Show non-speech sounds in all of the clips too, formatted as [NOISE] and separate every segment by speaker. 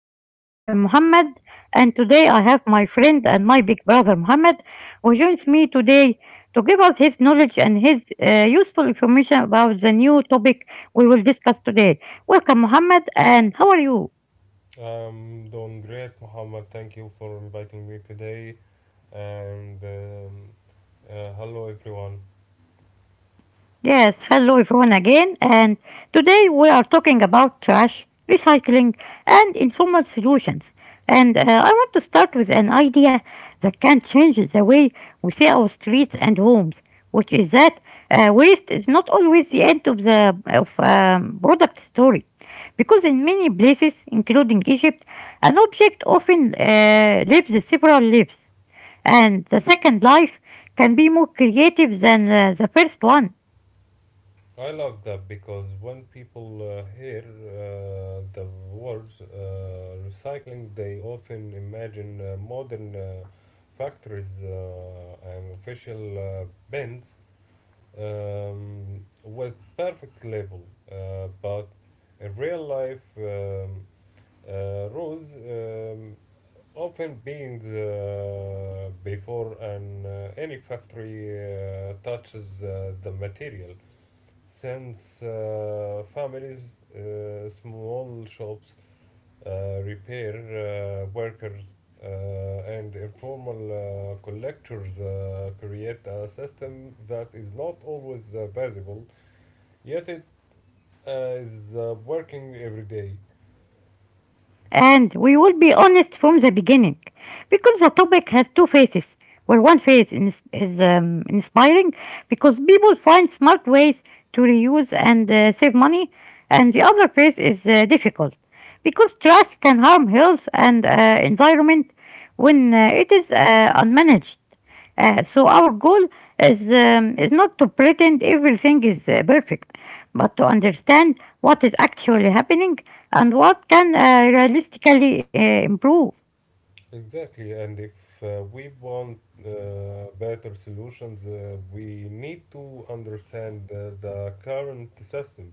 Speaker 1: episode. I'm Mohammed, and today I have my friend and my big brother Mohammed, who joins me today to give us his knowledge and his useful information about the new topic we will discuss today. Welcome, Mohammed, and how are you?
Speaker 2: I'm doing great, Muhammad. Thank you for inviting me today. And Hello, everyone.
Speaker 1: Yes, hello everyone again, and today we are talking about trash, recycling, and informal solutions. And I want to start with an idea that can change the way we see our streets and homes, which is that waste is not always the end of the of product story, because in many places, including Egypt, an object often lives several lives, and the second life can be more creative than the first one.
Speaker 2: I love that because when people hear the words recycling, they often imagine modern factories and official bins with perfect label. But in real life, Rose often being before an any factory touches the material since families, small shops, repair workers, uh, and informal collectors create a system that is not always visible, yet it is working every day.
Speaker 1: And we will be honest from the beginning because the topic has two phases. Where one phase is inspiring because people find smart ways to reuse and save money, and the other phase is difficult because trash can harm health and environment when it is unmanaged. So our goal is not to pretend everything is perfect, but to understand what is actually happening and what can realistically improve.
Speaker 2: Exactly, and if we want better solutions, we need to understand the current system,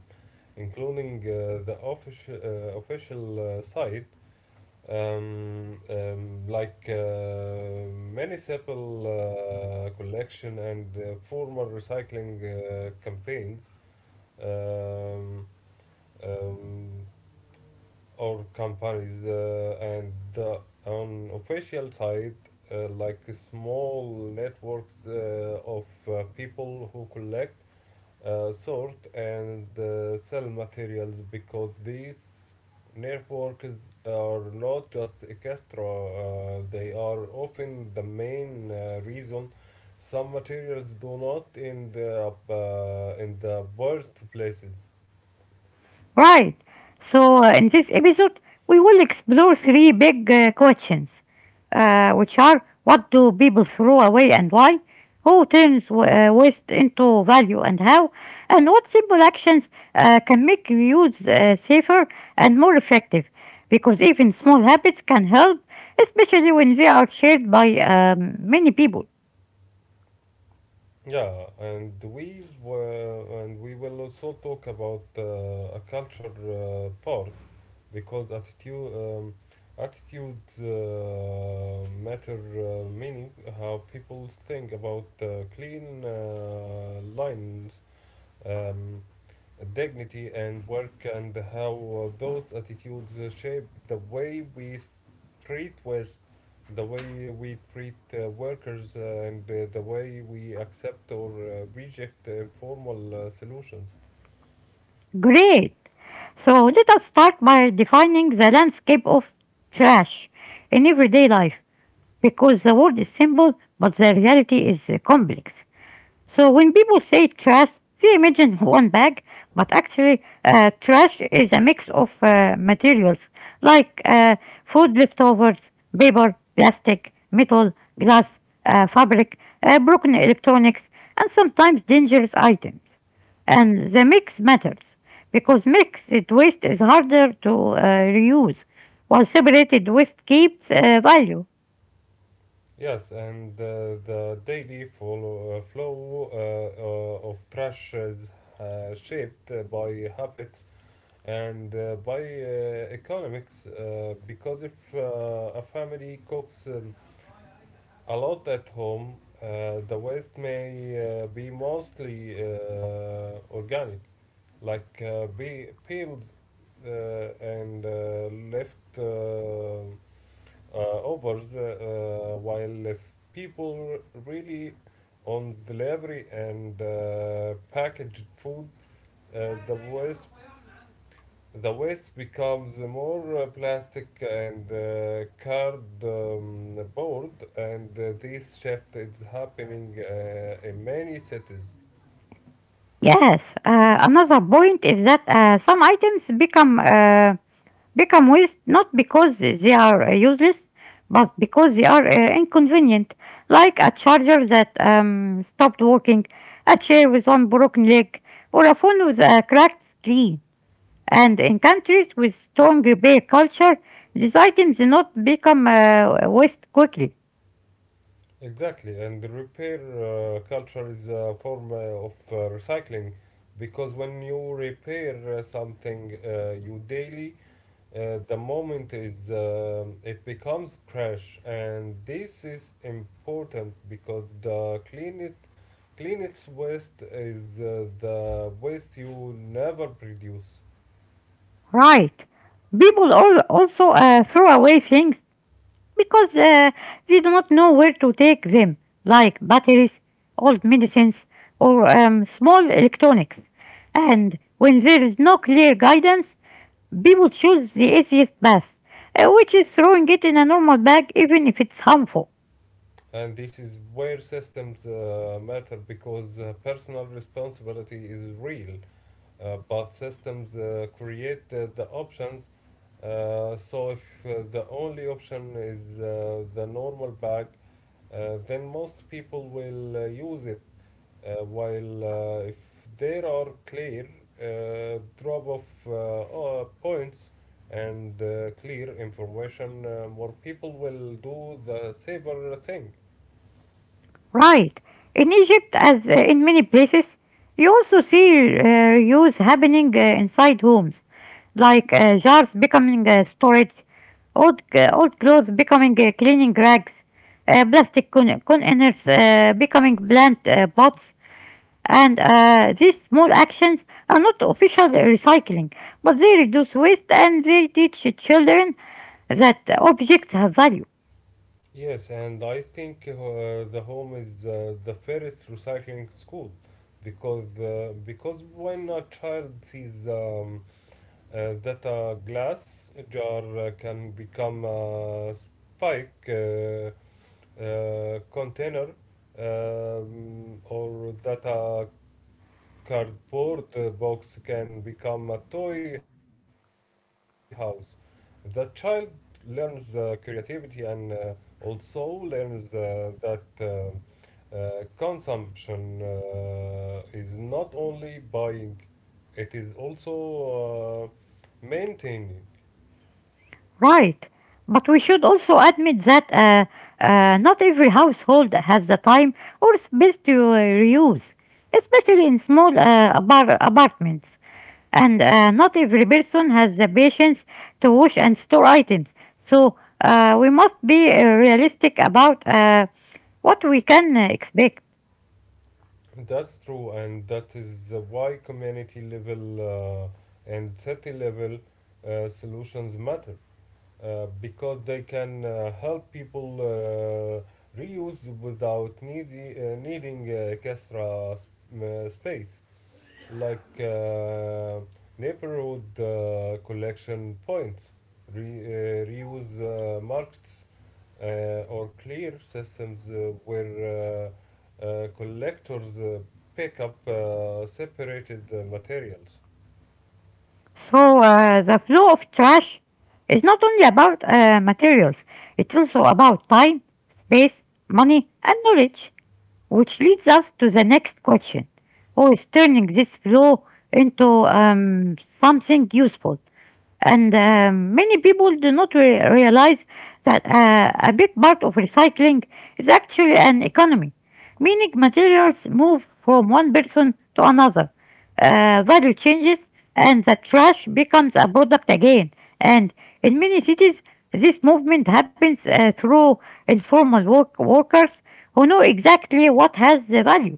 Speaker 2: including the official side, like municipal collection and formal recycling campaigns. Um, um, or companies and on official side, like small networks of people who collect, sort, and sell materials, because these networks are not just extra, they are often the main reason some materials do not end up in the worst places.
Speaker 1: Right. So in this episode, we will explore three big questions, which are what do people throw away and why? Who turns waste into value and how? And what simple actions can make reuse safer and more effective? Because even small habits can help, especially when they are shared by many people.
Speaker 2: And we will also talk about a culture part because attitude matter, meaning how people think about clean lines, Um, dignity, and work, and how those attitudes shape the way we treat West, the way we treat workers, and the way we accept or reject the informal solutions.
Speaker 1: Great. So let us start by defining the landscape of trash in everyday life, because the word is simple, but the reality is complex. So when people say trash, they imagine one bag, but actually, trash is a mix of materials like food leftovers, paper, plastic, metal, glass, fabric, broken electronics, and sometimes dangerous items. And the mix matters because mixed waste is harder to reuse, while separated waste keeps value.
Speaker 2: Yes, and the flow of trash is shaped by habits and by economics, because if a family cooks a lot at home, the waste may be mostly organic, like peels uh, and left overs, while if people really on delivery and packaged food, uh, the waste the waste becomes more plastic and cardboard, and this shift is happening in many cities.
Speaker 1: Yes, another point is that some items become waste not because they are useless, but because they are inconvenient, like a charger that stopped working, a chair with one broken leg, or a phone with a cracked screen. And in countries with strong repair culture, these items do not become waste quickly.
Speaker 2: Exactly, and the repair culture is a form of recycling, because when you repair something you daily, the moment is it becomes trash, and this is important because the cleanest waste is the waste you never produce.
Speaker 1: Right. People all also throw away things because they do not know where to take them, like batteries, old medicines, or small electronics. And when there is no clear guidance, people choose the easiest path, which is throwing it in a normal bag even if it's harmful.
Speaker 2: And this is where systems matter, because personal responsibility is real, but systems create the options. So if the only option is the normal bag, then most people will use it. While if there are clear drop of points and clear information, more people will do the safer thing.
Speaker 1: Right. In Egypt, as in many places, you also see reuse happening inside homes, like jars becoming storage, old clothes becoming cleaning rags, containers becoming plant pots, and these small actions are not official recycling, but they reduce waste and they teach children that objects have value.
Speaker 2: Yes, and I think the home is the fairest recycling school, because when a child sees that a glass jar can become a spike container, or that a cardboard box can become a toy house, the child learns creativity and also learns that consumption is not only buying, it is also maintaining.
Speaker 1: Right. But we should also admit that not every household has the time or space to reuse, especially in small apartments. And not every person has the patience to wash and store items. So we must be realistic about what we can expect.
Speaker 2: That's true, and that is why community level and city level solutions matter, because they can help people reuse without needing extra space, like neighborhood collection points, reuse markets, or clear systems where collectors pick up separated materials.
Speaker 1: So the flow of trash is not only about materials, it's also about time, space, money, and knowledge. Which leads us to the next question. Who is turning this flow into something useful? And many people do not realize that a big part of recycling is actually an economy, meaning materials move from one person to another, value changes, and the trash becomes a product again. And in many cities, this movement happens through informal workers who know exactly what has the value.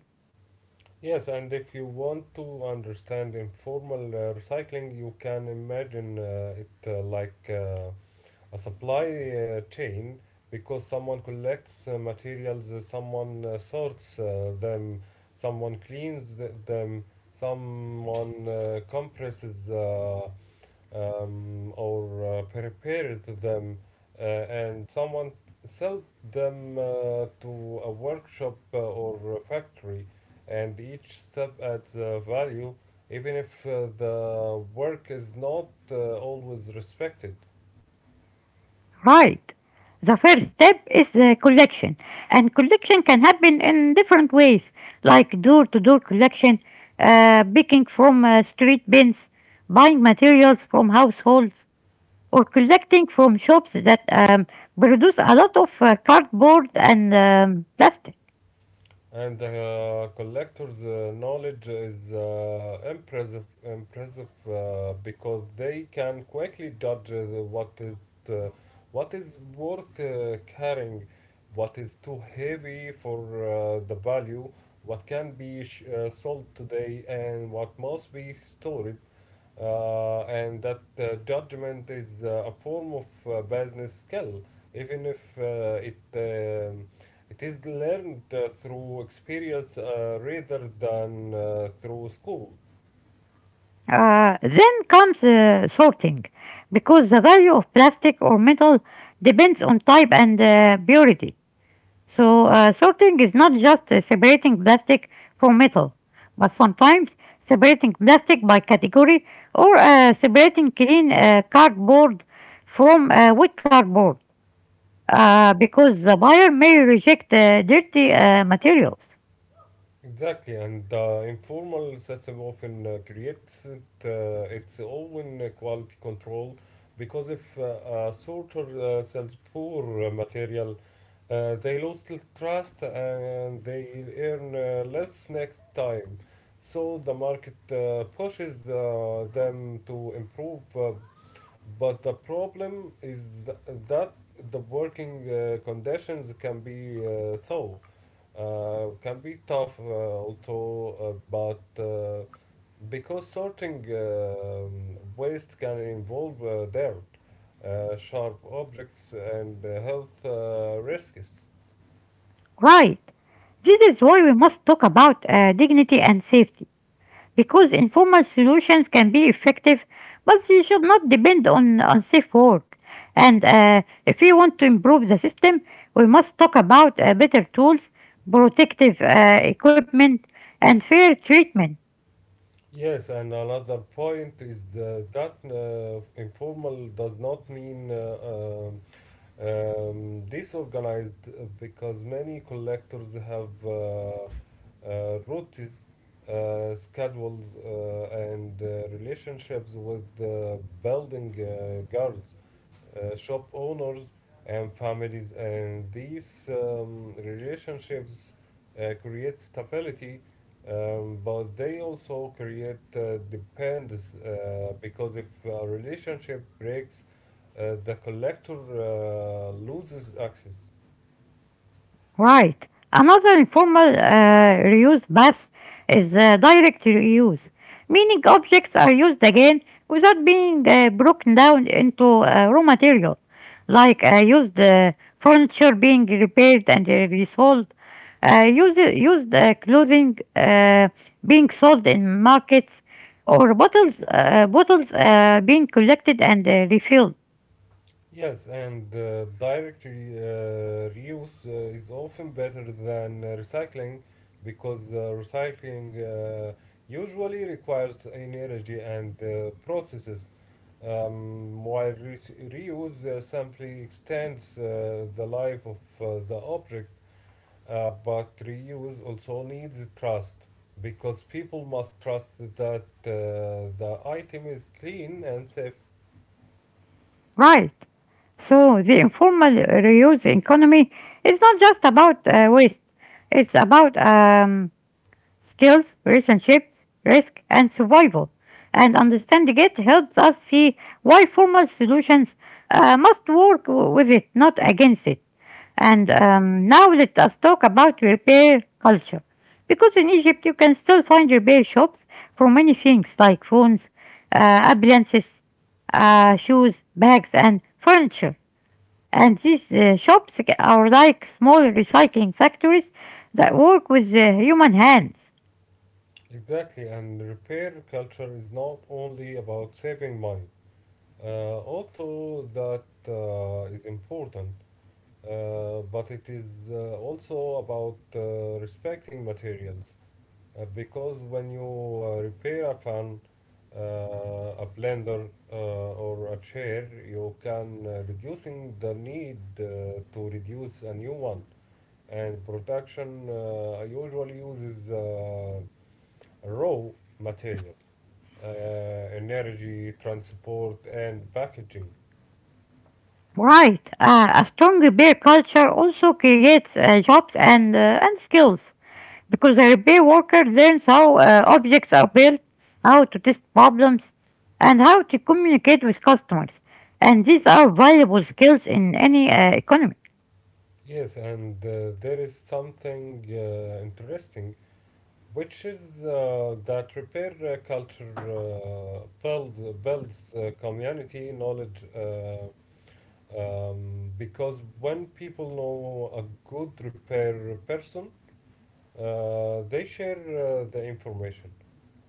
Speaker 2: Yes, and if you want to understand informal recycling, you can imagine it like a supply chain, because someone collects materials, someone sorts them, someone cleans them, someone compresses, or prepares them, and someone sell them to a workshop or a factory, and each step adds value, even if the work is not always respected.
Speaker 1: Right. The first step is the collection, and collection can happen in different ways, like door to door collection, picking from street bins, buying materials from households, or collecting from shops that produce a lot of cardboard and plastic.
Speaker 2: And the collector's knowledge is impressive, because they can quickly judge uh, what is worth carrying, what is too heavy for the value, what can be sold today, and what must be stored, and that judgment is a form of business skill, even if it is learned through experience rather than through school.
Speaker 1: Then comes sorting, because the value of plastic or metal depends on type and purity. So, sorting is not just separating plastic from metal, but sometimes separating plastic by category or separating clean cardboard from wet cardboard because the buyer may reject dirty materials.
Speaker 2: Exactly, and the informal system often creates its own quality control, because if a sorter sells poor material, they lost trust and they earn less next time. So the market pushes them to improve. But the problem is that the working conditions can be can be tough, also, but because sorting waste can involve dirt, sharp objects, and health risks.
Speaker 1: Right. This is why we must talk about dignity and safety, because informal solutions can be effective, but they should not depend on unsafe work. And if we want to improve the system, we must talk about better tools, protective equipment, and fair treatment.
Speaker 2: Yes, and another point is that informal does not mean disorganized, because many collectors have routes, schedules, and relationships with building guards, shop owners, and families, and these relationships create stability, but they also create dependence, because if a relationship breaks, the collector loses access.
Speaker 1: Right. Another informal reuse bath is direct reuse, meaning objects are used again without being broken down into raw material, like used furniture being repaired and resold, used clothing being sold in markets, or bottles being collected and refilled.
Speaker 2: Yes, and direct reuse is often better than recycling, because recycling uh, usually requires energy and processes, while reuse simply extends the life of the object. But reuse also needs trust, because people must trust that the item is clean and safe.
Speaker 1: Right. So the informal reuse economy is not just about waste. It's about skills, relationship, risk, and survival. And understanding it helps us see why formal solutions must work with it, not against it. And now let us talk about repair culture. Because in Egypt, you can still find repair shops for many things like phones, appliances, shoes, bags, and furniture. And these shops are like small recycling factories that work with the human hand.
Speaker 2: Exactly, and repair culture is not only about saving money. Uh, that is important, but it is also about respecting materials, because when you repair a fan, a blender, or a chair, you can reducing the need to reduce a new one. And production usually uses raw materials, energy, transport, and packaging.
Speaker 1: Right. A strong repair culture also creates jobs and skills because a repair worker learns how objects are built, how to test problems, and how to communicate with customers. And these are valuable skills in any economy.
Speaker 2: Yes, and there is something interesting, which is that repair culture builds community knowledge. Because when people know a good repair person, they share the information,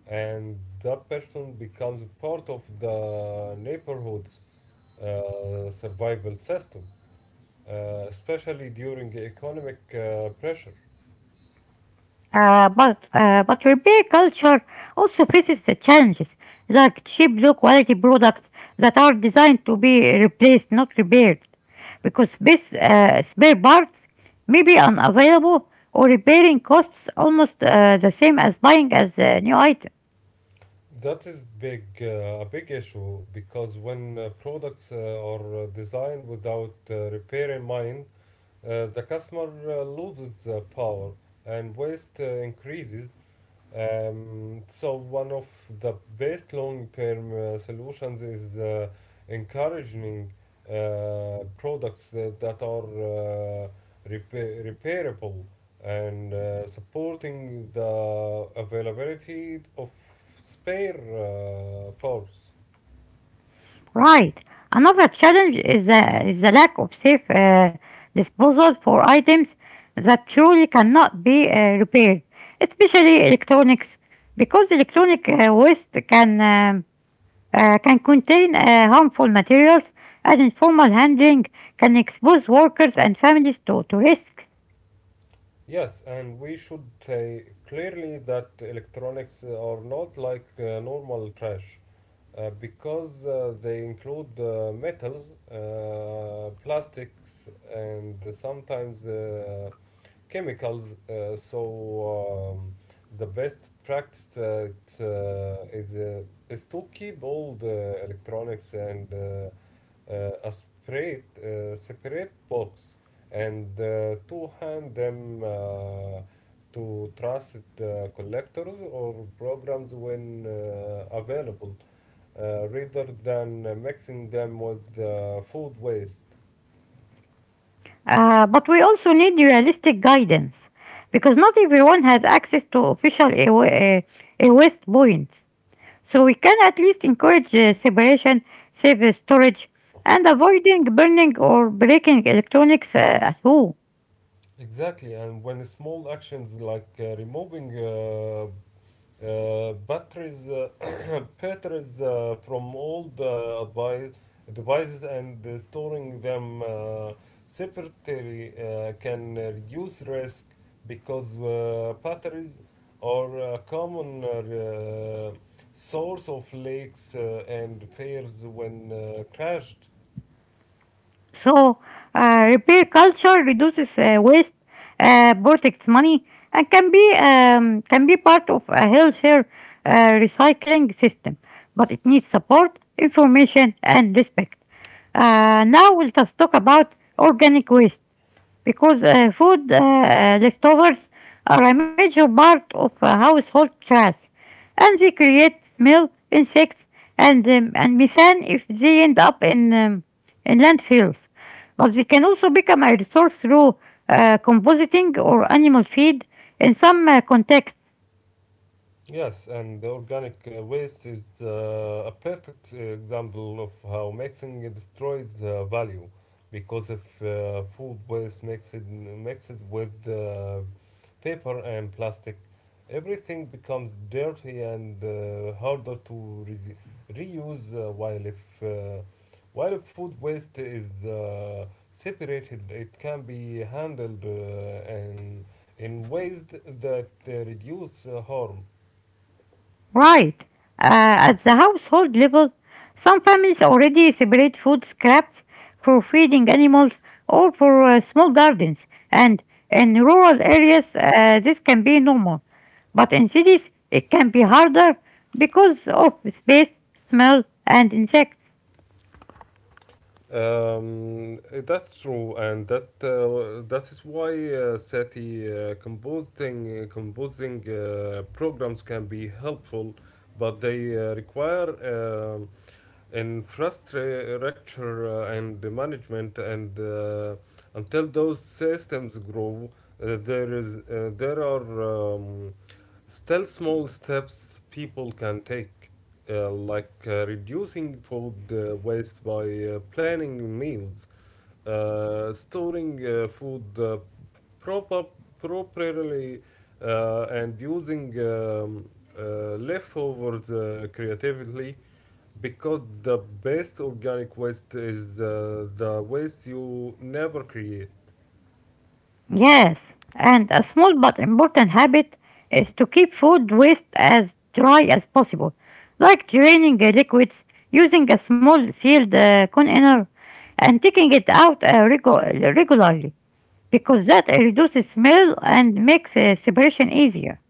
Speaker 2: and that person becomes part of the neighborhoods survival system, especially during economic pressure.
Speaker 1: But repair culture also faces the challenges like cheap, low quality products that are designed to be replaced, not repaired, because spare parts may be unavailable or repairing costs almost the same as buying as a new item.
Speaker 2: That is a big issue, because when products are designed without repair in mind, the customer loses power, and waste increases. So one of the best long-term solutions is encouraging products that are repairable and supporting the availability of spare parts.
Speaker 1: Right. Another challenge is is the lack of safe disposal for items that truly cannot be repaired, especially electronics, because electronic waste can contain harmful materials, and informal handling can expose workers and families to risk.
Speaker 2: Yes, and we should say clearly that electronics are not like normal trash, because they include metals, plastics, and sometimes chemicals. So The best practice is to keep all the electronics and a separate separate box and to hand them, to trusted collectors or programs when available, rather than mixing them with food waste.
Speaker 1: But we also need realistic guidance, because not everyone has access to official waste points. So we can at least encourage separation, safe storage, and avoiding burning or breaking electronics at home.
Speaker 2: Exactly, and when small actions like removing batteries, [COUGHS] [CLEARS THROAT] batteries from old devices and storing them separately can reduce risk, because batteries are a common source of leaks and failures when crashed.
Speaker 1: So repair culture reduces waste, protects money, and can be part of a healthier recycling system. But it needs support, information, and respect. Now we'll just talk about organic waste because food leftovers are a major part of household trash, and they create smell, insects, and methane if they end up in landfills. But they can also become a resource through compositing or animal feed in some contexts.
Speaker 2: Yes, and the organic waste is a perfect example of how mixing destroys value, because if food waste mixed with paper and plastic, everything becomes dirty and harder to reuse. While if food waste is separated, it can be handled and in ways that reduce harm.
Speaker 1: Right. At the household level, some families already separate food scraps for feeding animals or for small gardens, and in rural areas, this can be normal. But in cities, it can be harder because of space, smell, and insects.
Speaker 2: Um, that's true, and that is why SETI composing programs can be helpful, but they require infrastructure and the management. And until those systems grow, there are still small steps people can take, like reducing food waste by planning meals, storing food proper, properly, and using leftovers creatively, because the best organic waste is the waste you never create.
Speaker 1: Yes, and a small but important habit is to keep food waste as dry as possible, like draining the liquids, using a small sealed container, and taking it out regularly, because that reduces smell and makes separation easier.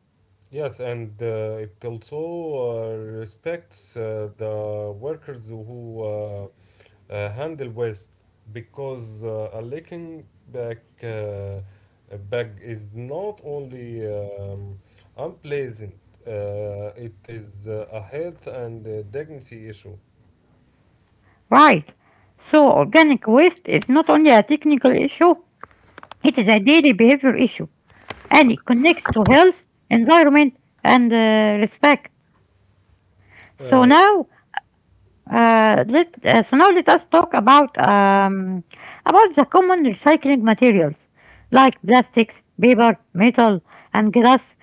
Speaker 2: Yes, and it also respects the workers who handle waste, because a leaking back bag is not only unpleasant, it is a health and dignity issue.
Speaker 1: Right, so organic waste is not only a technical issue, it is a daily behavior issue and it connects to health, environment, and respect.
Speaker 2: Uh,
Speaker 1: So now so now let us talk about the common recycling materials like plastics, paper, metal, and glass.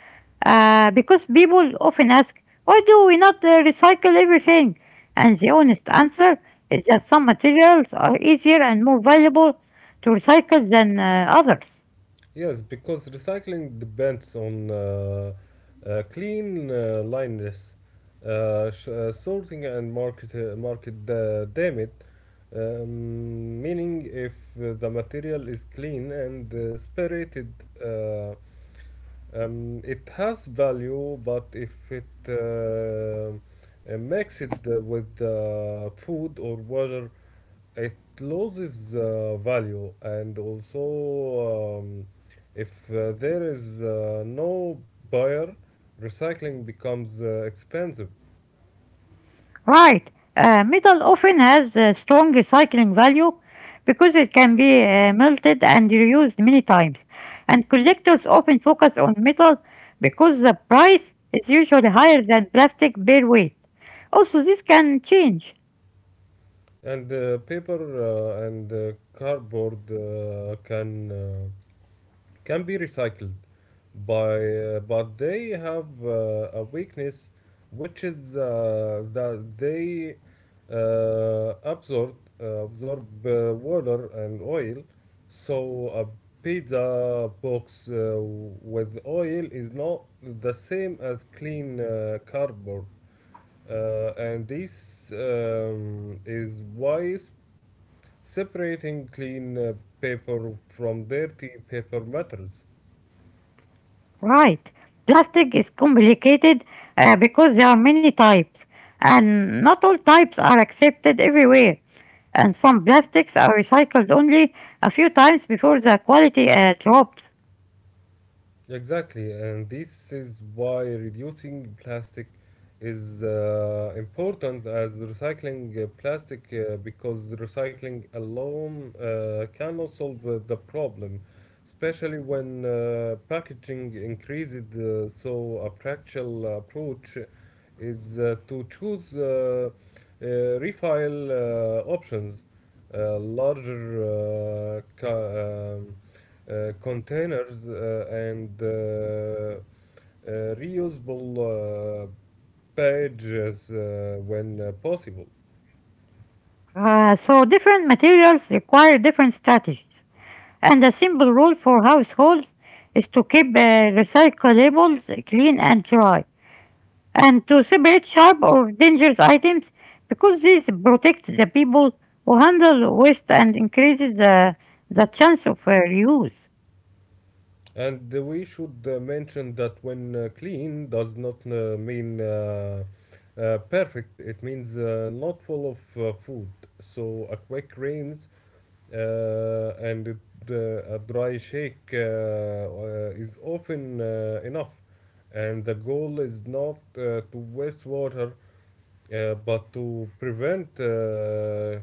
Speaker 1: Because people often ask, why do we not recycle everything? And the honest answer is that some materials are easier and more valuable to recycle than others.
Speaker 2: Yes, because recycling depends on clean lineness, sorting, and market damn. Meaning, if the material is clean and spirited, uh, it has value. But if it mixed with food or water, it loses value, and also if there is no buyer, recycling becomes expensive.
Speaker 1: Right. Metal often has a strong recycling value because it can be melted and reused many times. And collectors often focus on metal because the price is usually higher than plastic per weight. Also, this can change.
Speaker 2: And paper and cardboard can, can be recycled by but they have a weakness, which is that they uh, absorb absorb water and oil. So a pizza box with oil is not the same as clean cardboard, and this is why separating clean paper from dirty paper matters.
Speaker 1: Right. Plastic is complicated because there are many types, and not all types are accepted everywhere. And some plastics are recycled only a few times before the quality drops.
Speaker 2: Exactly, and this is why reducing plastic is important as recycling plastic, because recycling alone cannot solve the problem, especially when packaging increased. So, a practical approach is to choose uh, refile options, larger containers, and reusable pages when possible.
Speaker 1: So different materials require different strategies, and a simple rule for households is to keep recyclables clean and dry, and to separate sharp or dangerous items because this protects the people who handle waste and increases the chance of reuse.
Speaker 2: And we should mention that when clean does not mean perfect. It means not full of food. So a quick rinse, uh, and it, a dry shake is often enough. And the goal is not to waste water, but to prevent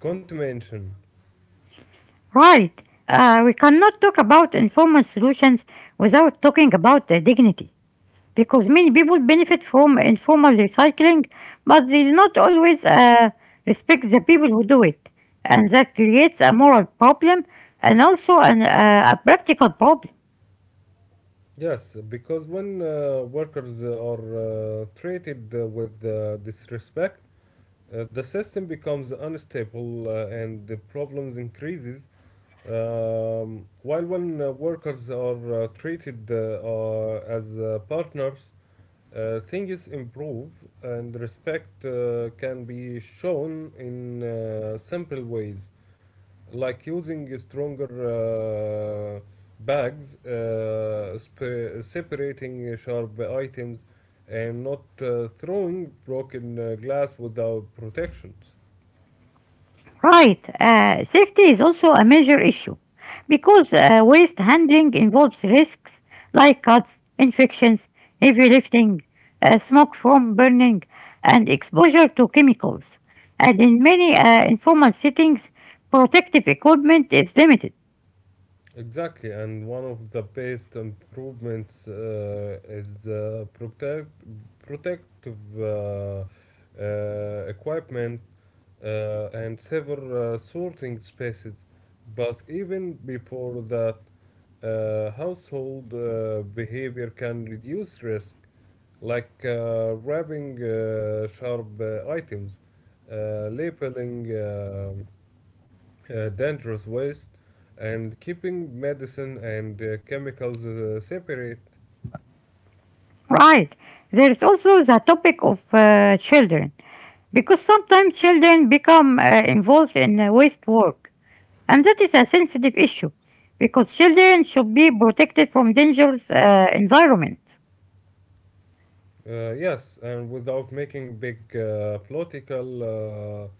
Speaker 2: contamination.
Speaker 1: Right, we cannot talk about informal solutions without talking about dignity. Because many people benefit from informal recycling, but they do not always respect the people who do it. And that creates a moral problem and also a practical problem.
Speaker 2: Yes, because when workers are treated with disrespect, the system becomes unstable and the problems increases. While when workers are treated as partners, things improve, and respect can be shown in simple ways, like using stronger uh, bags, separating sharp items, and not throwing broken glass without protections.
Speaker 1: Right, safety is also a major issue because waste handling involves risks like cuts, infections, heavy lifting, smoke from burning, and exposure to chemicals. And in many informal settings, protective equipment is limited.
Speaker 2: Exactly, and one of the best improvements is the protective equipment and several sorting spaces. But even before that, household behavior can reduce risk, like wrapping sharp items, labeling dangerous waste, and keeping medicine and chemicals separate.
Speaker 1: Right. There is also the topic of children, because sometimes children become involved in waste work, and that is a sensitive issue, because children should be protected from dangerous environment.
Speaker 2: Yes, and without making big political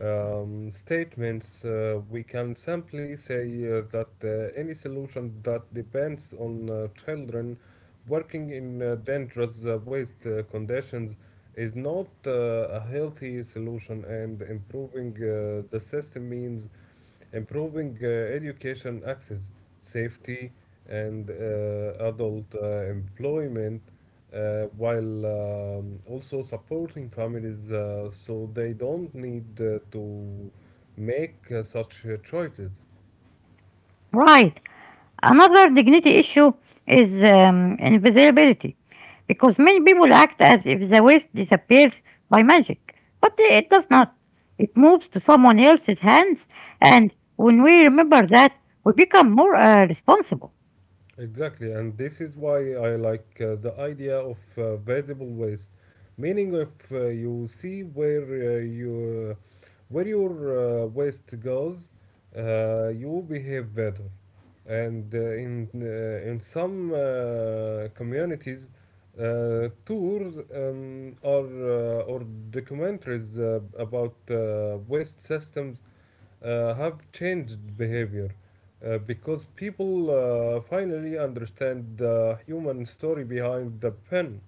Speaker 2: statements, we can simply say that any solution that depends on children working in dangerous waste conditions is not a healthy solution, and improving the system means improving education access, safety, and adult employment, while also supporting families so they don't need to make such choices.
Speaker 1: Right. Another dignity issue is invisibility, because many people act as if the waste disappears by magic, but it does not. It moves to someone else's hands, and when we remember that, we become more responsible.
Speaker 2: Exactly, and this is why I like the idea of visible waste, meaning if you see where your waste goes, you behave better. And in some communities, tours or documentaries about waste systems have changed behavior because people finally understand the human story behind the pen.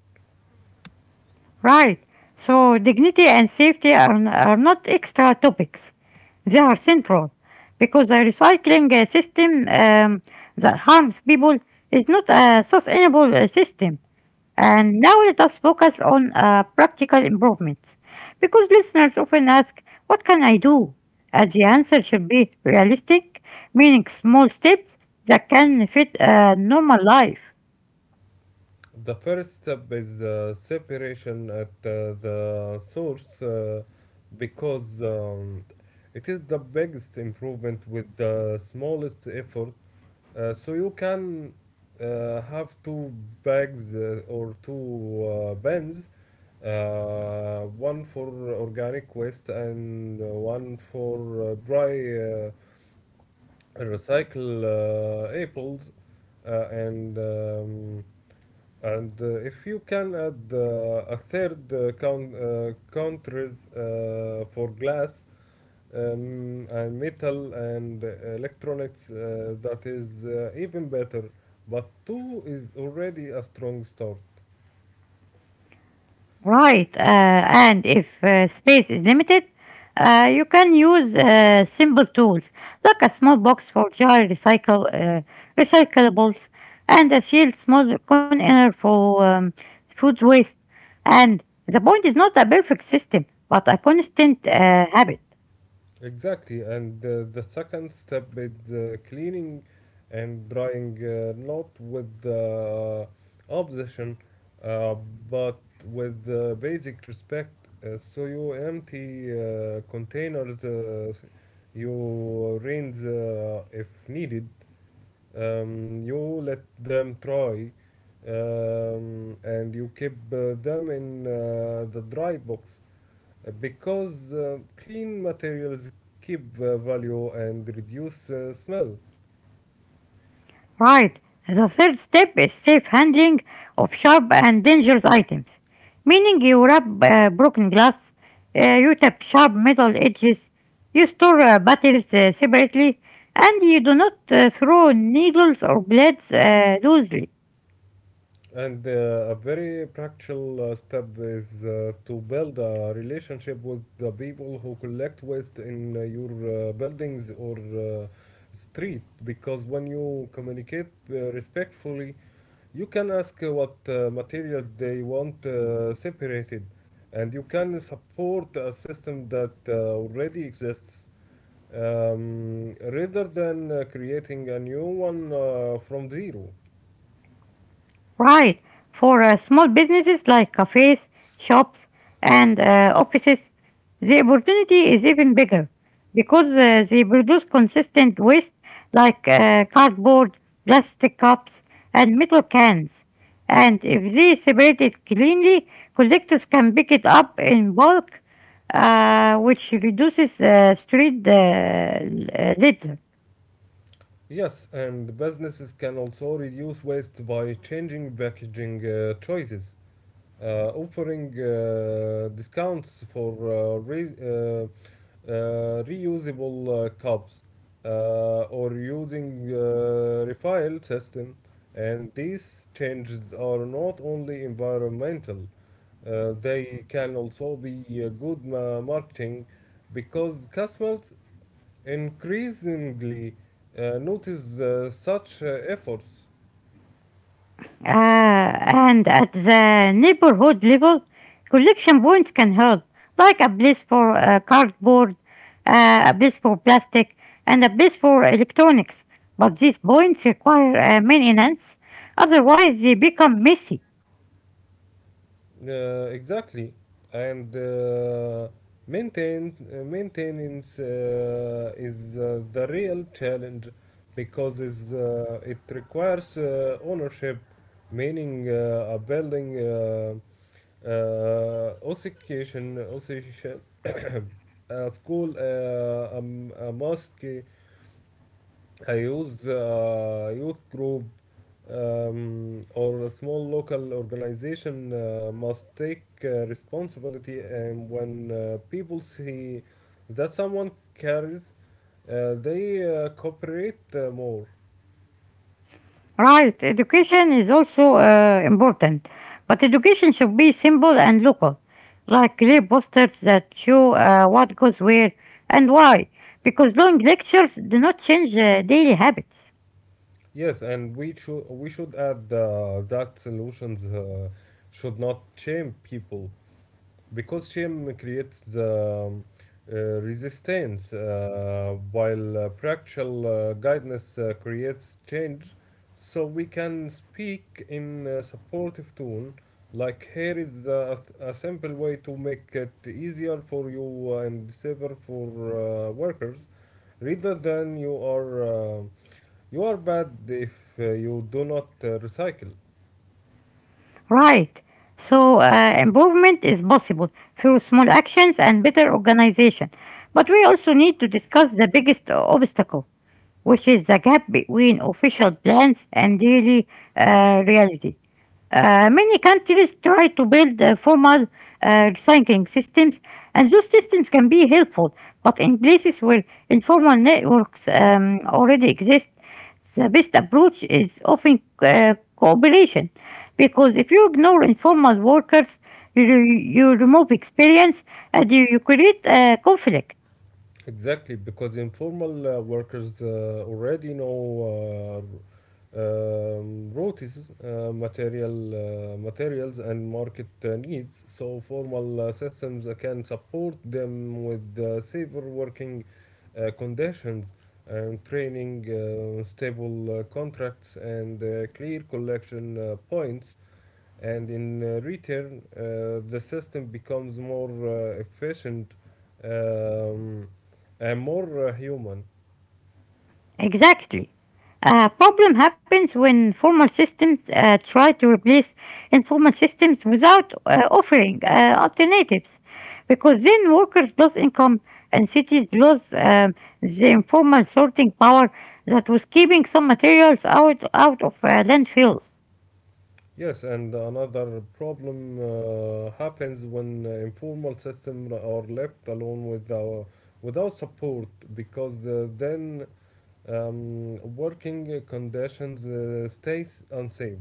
Speaker 1: Right. So dignity and safety are not extra topics; they are central, because the recycling system that harms people is not a sustainable system. And now let us focus on practical improvements. Because listeners often ask, what can I do? The answer should be realistic, meaning small steps that can fit a normal life.
Speaker 2: The first step is separation at the source, because it is the biggest improvement with the smallest effort. So you can have two bags or two pens, one for organic waste and one for dry recycle apples, uh, and um, and if you can add a third countries for glass, and metal and electronics, that is even better, but two is already a strong start.
Speaker 1: Right, and if space is limited, you can use simple tools like a small box for jar recycle recyclables and a sealed small container for food waste. And the point is not a perfect system, but a constant habit.
Speaker 2: Exactly, and the second step is cleaning and drying, not with obsession, uh, but with basic respect. So you empty containers, you rinse if needed, you let them dry, and you keep them in the dry box, because clean materials keep value and reduce smell.
Speaker 1: Right. The third step is safe handling of sharp and dangerous items, meaning you wrap broken glass, you tap sharp metal edges, you store batteries separately, and you do not throw needles or blades loosely.
Speaker 2: And a very practical step is to build a relationship with the people who collect waste in your buildings or street. Because when you communicate respectfully, you can ask what material they want separated, and you can support a system that already exists, rather than creating a new one from zero.
Speaker 1: Right. For small businesses like cafes, shops, and offices, the opportunity is even bigger because they produce consistent waste like cardboard, plastic cups, and metal cans. And if they separate it cleanly, collectors can pick it up in bulk, which reduces street litter.
Speaker 2: Yes, and businesses can also reduce waste by changing packaging choices, offering discounts for reusable cups, or using refill system. And these changes are not only environmental. They can also be good marketing, because customers increasingly notice such efforts.
Speaker 1: And at the neighborhood level, collection points can help, like a place for cardboard, a place for plastic, and a place for electronics. But these points require maintenance; otherwise, they become messy.
Speaker 2: Exactly, and maintain maintenance is the real challenge, because it requires ownership, meaning a building association, school, a mosque, youth group, or a small local organization must take responsibility. And when people see that someone cares, they cooperate more.
Speaker 1: Right, education is also important, but education should be simple and local, like clear posters that show what goes where and why, because long lectures do not change daily habits.
Speaker 2: Yes, and we should add that solutions should not shame people, because shame creates the resistance, while practical guidance creates change. So we can speak in a supportive tone, like, here is a simple way to make it easier for you and safer for workers, rather than you are bad if you do not recycle.
Speaker 1: Right. So improvement is possible through small actions and better organization. But we also need to discuss the biggest obstacle, which is the gap between official plans and daily reality. Many countries try to build formal recycling systems, and those systems can be helpful. But in places where informal networks already exist, the best approach is often cooperation. Because if you ignore informal workers, you remove experience and you create conflict.
Speaker 2: Exactly, because informal workers already know uh, r- routes, materials, and market needs. So formal systems can support them with safer working conditions, and training, stable contracts, and clear collection points, and in return, the system becomes more efficient, um, and more human.
Speaker 1: Exactly. A problem happens when formal systems try to replace informal systems without offering alternatives, because then workers lose income and cities lose the informal sorting power that was keeping some materials out of landfills.
Speaker 2: Yes, and another problem happens when informal systems are left alone without support, because then working conditions stays unsafe,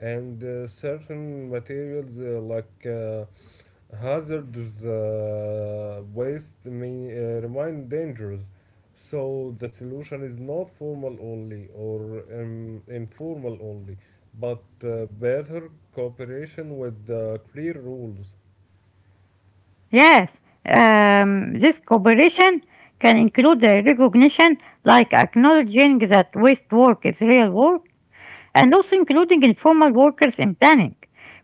Speaker 2: and certain materials like hazards waste may remain dangerous, so the solution is not formal only or informal only, but better cooperation with clear rules.
Speaker 1: Yes, this cooperation can include recognition, like acknowledging that waste work is real work and also including informal workers in planning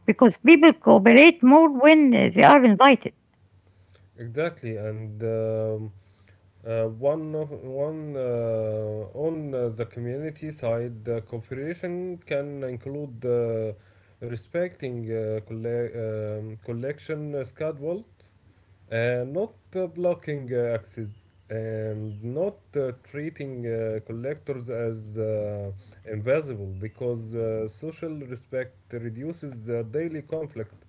Speaker 1: because people cooperate more when they are invited.
Speaker 2: Exactly, and one of, one on the community side, cooperation can include respecting collection schedule. Not blocking access, and not treating collectors as invisible, because social respect reduces the daily conflict.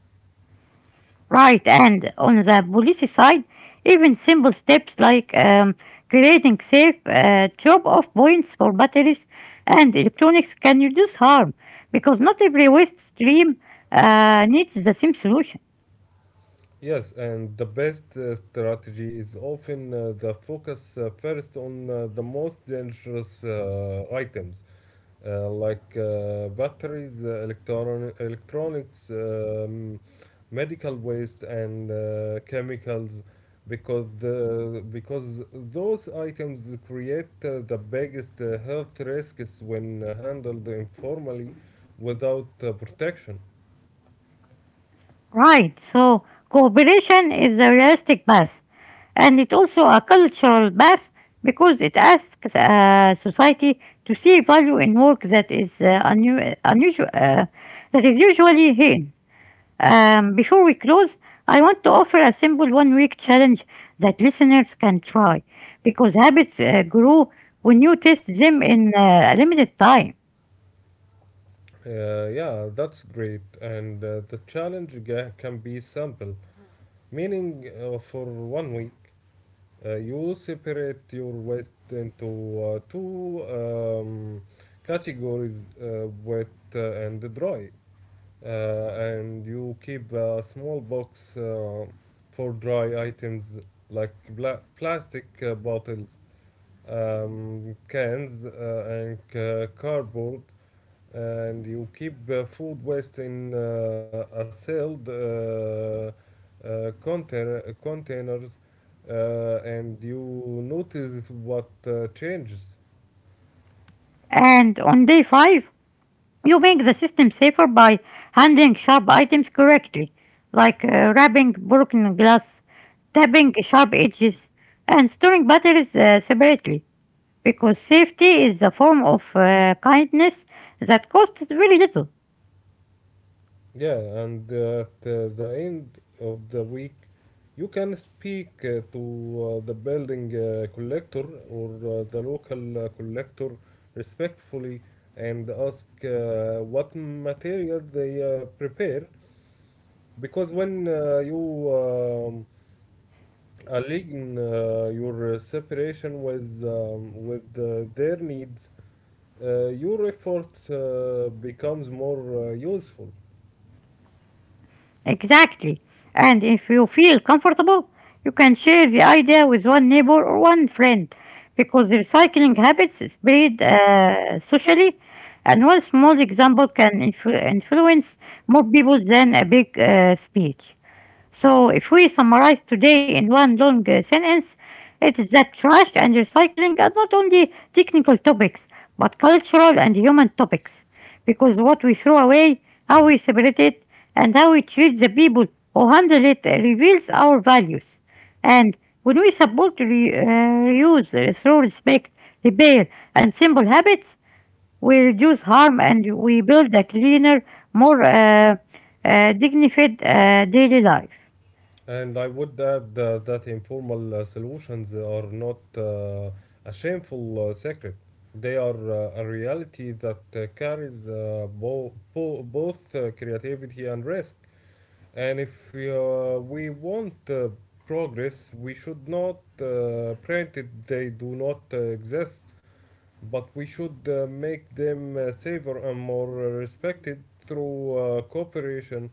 Speaker 1: Right, and on the policy side, even simple steps like creating safe drop off points for batteries and electronics can reduce harm because not every waste stream needs the same solution.
Speaker 2: Yes, and the best strategy is often the focus first on the most dangerous items, like batteries, electronics, medical waste, and chemicals, because those items create the biggest health risks when handled informally without protection.
Speaker 1: Right, so cooperation is a realistic path, and it's also a cultural path because it asks society to see value in work that is unu- unusual, that is usually hidden. Before we close, I want to offer a simple one-week challenge that listeners can try, because habits grow when you test them in a limited time.
Speaker 2: Yeah, that's great. And the challenge can be simple, meaning for one week. You separate your waste into two categories, wet and dry, and you keep a small box for dry items like plastic bottles, cans, and cardboard, and you keep food waste in a sealed containers, and you notice what changes.
Speaker 1: And on day five, you make the system safer by handling sharp items correctly, like wrapping broken glass, tapping sharp edges, and storing batteries separately, because safety is a form of kindness that costs very little.
Speaker 2: Yeah, and at the end of the week you can speak to the building collector, or the local collector, respectfully, and ask what material they prepare, because when you align your separation with their needs, your effort becomes more useful.
Speaker 1: Exactly. And if you feel comfortable, you can share the idea with one neighbor or one friend because recycling habits spread socially, and one small example can influence more people than a big speech. So, if we summarize today in one long sentence, it is that trash and recycling are not only technical topics, but cultural and human topics. Because what we throw away, how we separate it, and how we treat the people who handle it reveals our values. And when we support reuse through respect, repair, and simple habits, we reduce harm and we build a cleaner, more dignified daily life.
Speaker 2: And I would add that informal solutions are not a shameful secret. They are a reality that carries both creativity and risk. And if we want progress, we should not pretend they do not exist. But we should make them safer and more respected through cooperation,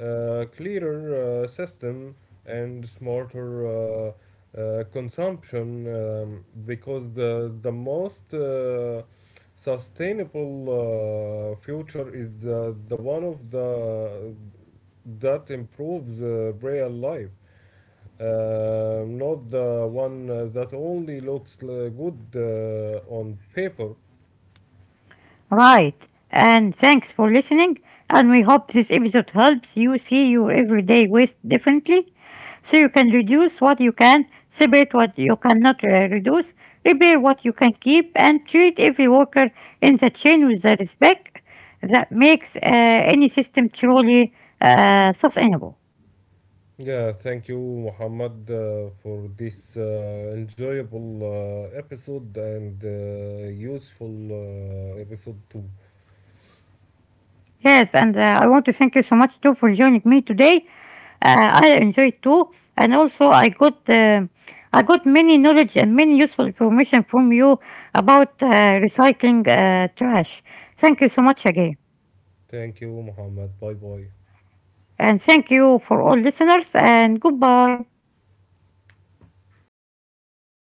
Speaker 2: clearer system, and smarter uh, consumption. Because the most sustainable future is the one of the that improves real life. Not the one that only looks good on paper.
Speaker 1: Right. And thanks for listening. And we hope this episode helps you see your everyday waste differently so you can reduce what you can, separate what you cannot reduce, repair what you can keep, and treat every worker in the chain with the respect that makes any system truly sustainable.
Speaker 2: Yeah, thank you, Muhammad, for this enjoyable episode and useful episode too.
Speaker 1: Yes, and I want to thank you so much too for joining me today. I enjoyed too, and also I got many knowledge and many useful information from you about recycling trash. Thank you so much again,
Speaker 2: Thank you, Muhammad. Bye bye.
Speaker 1: and thank you for all listeners. And goodbye.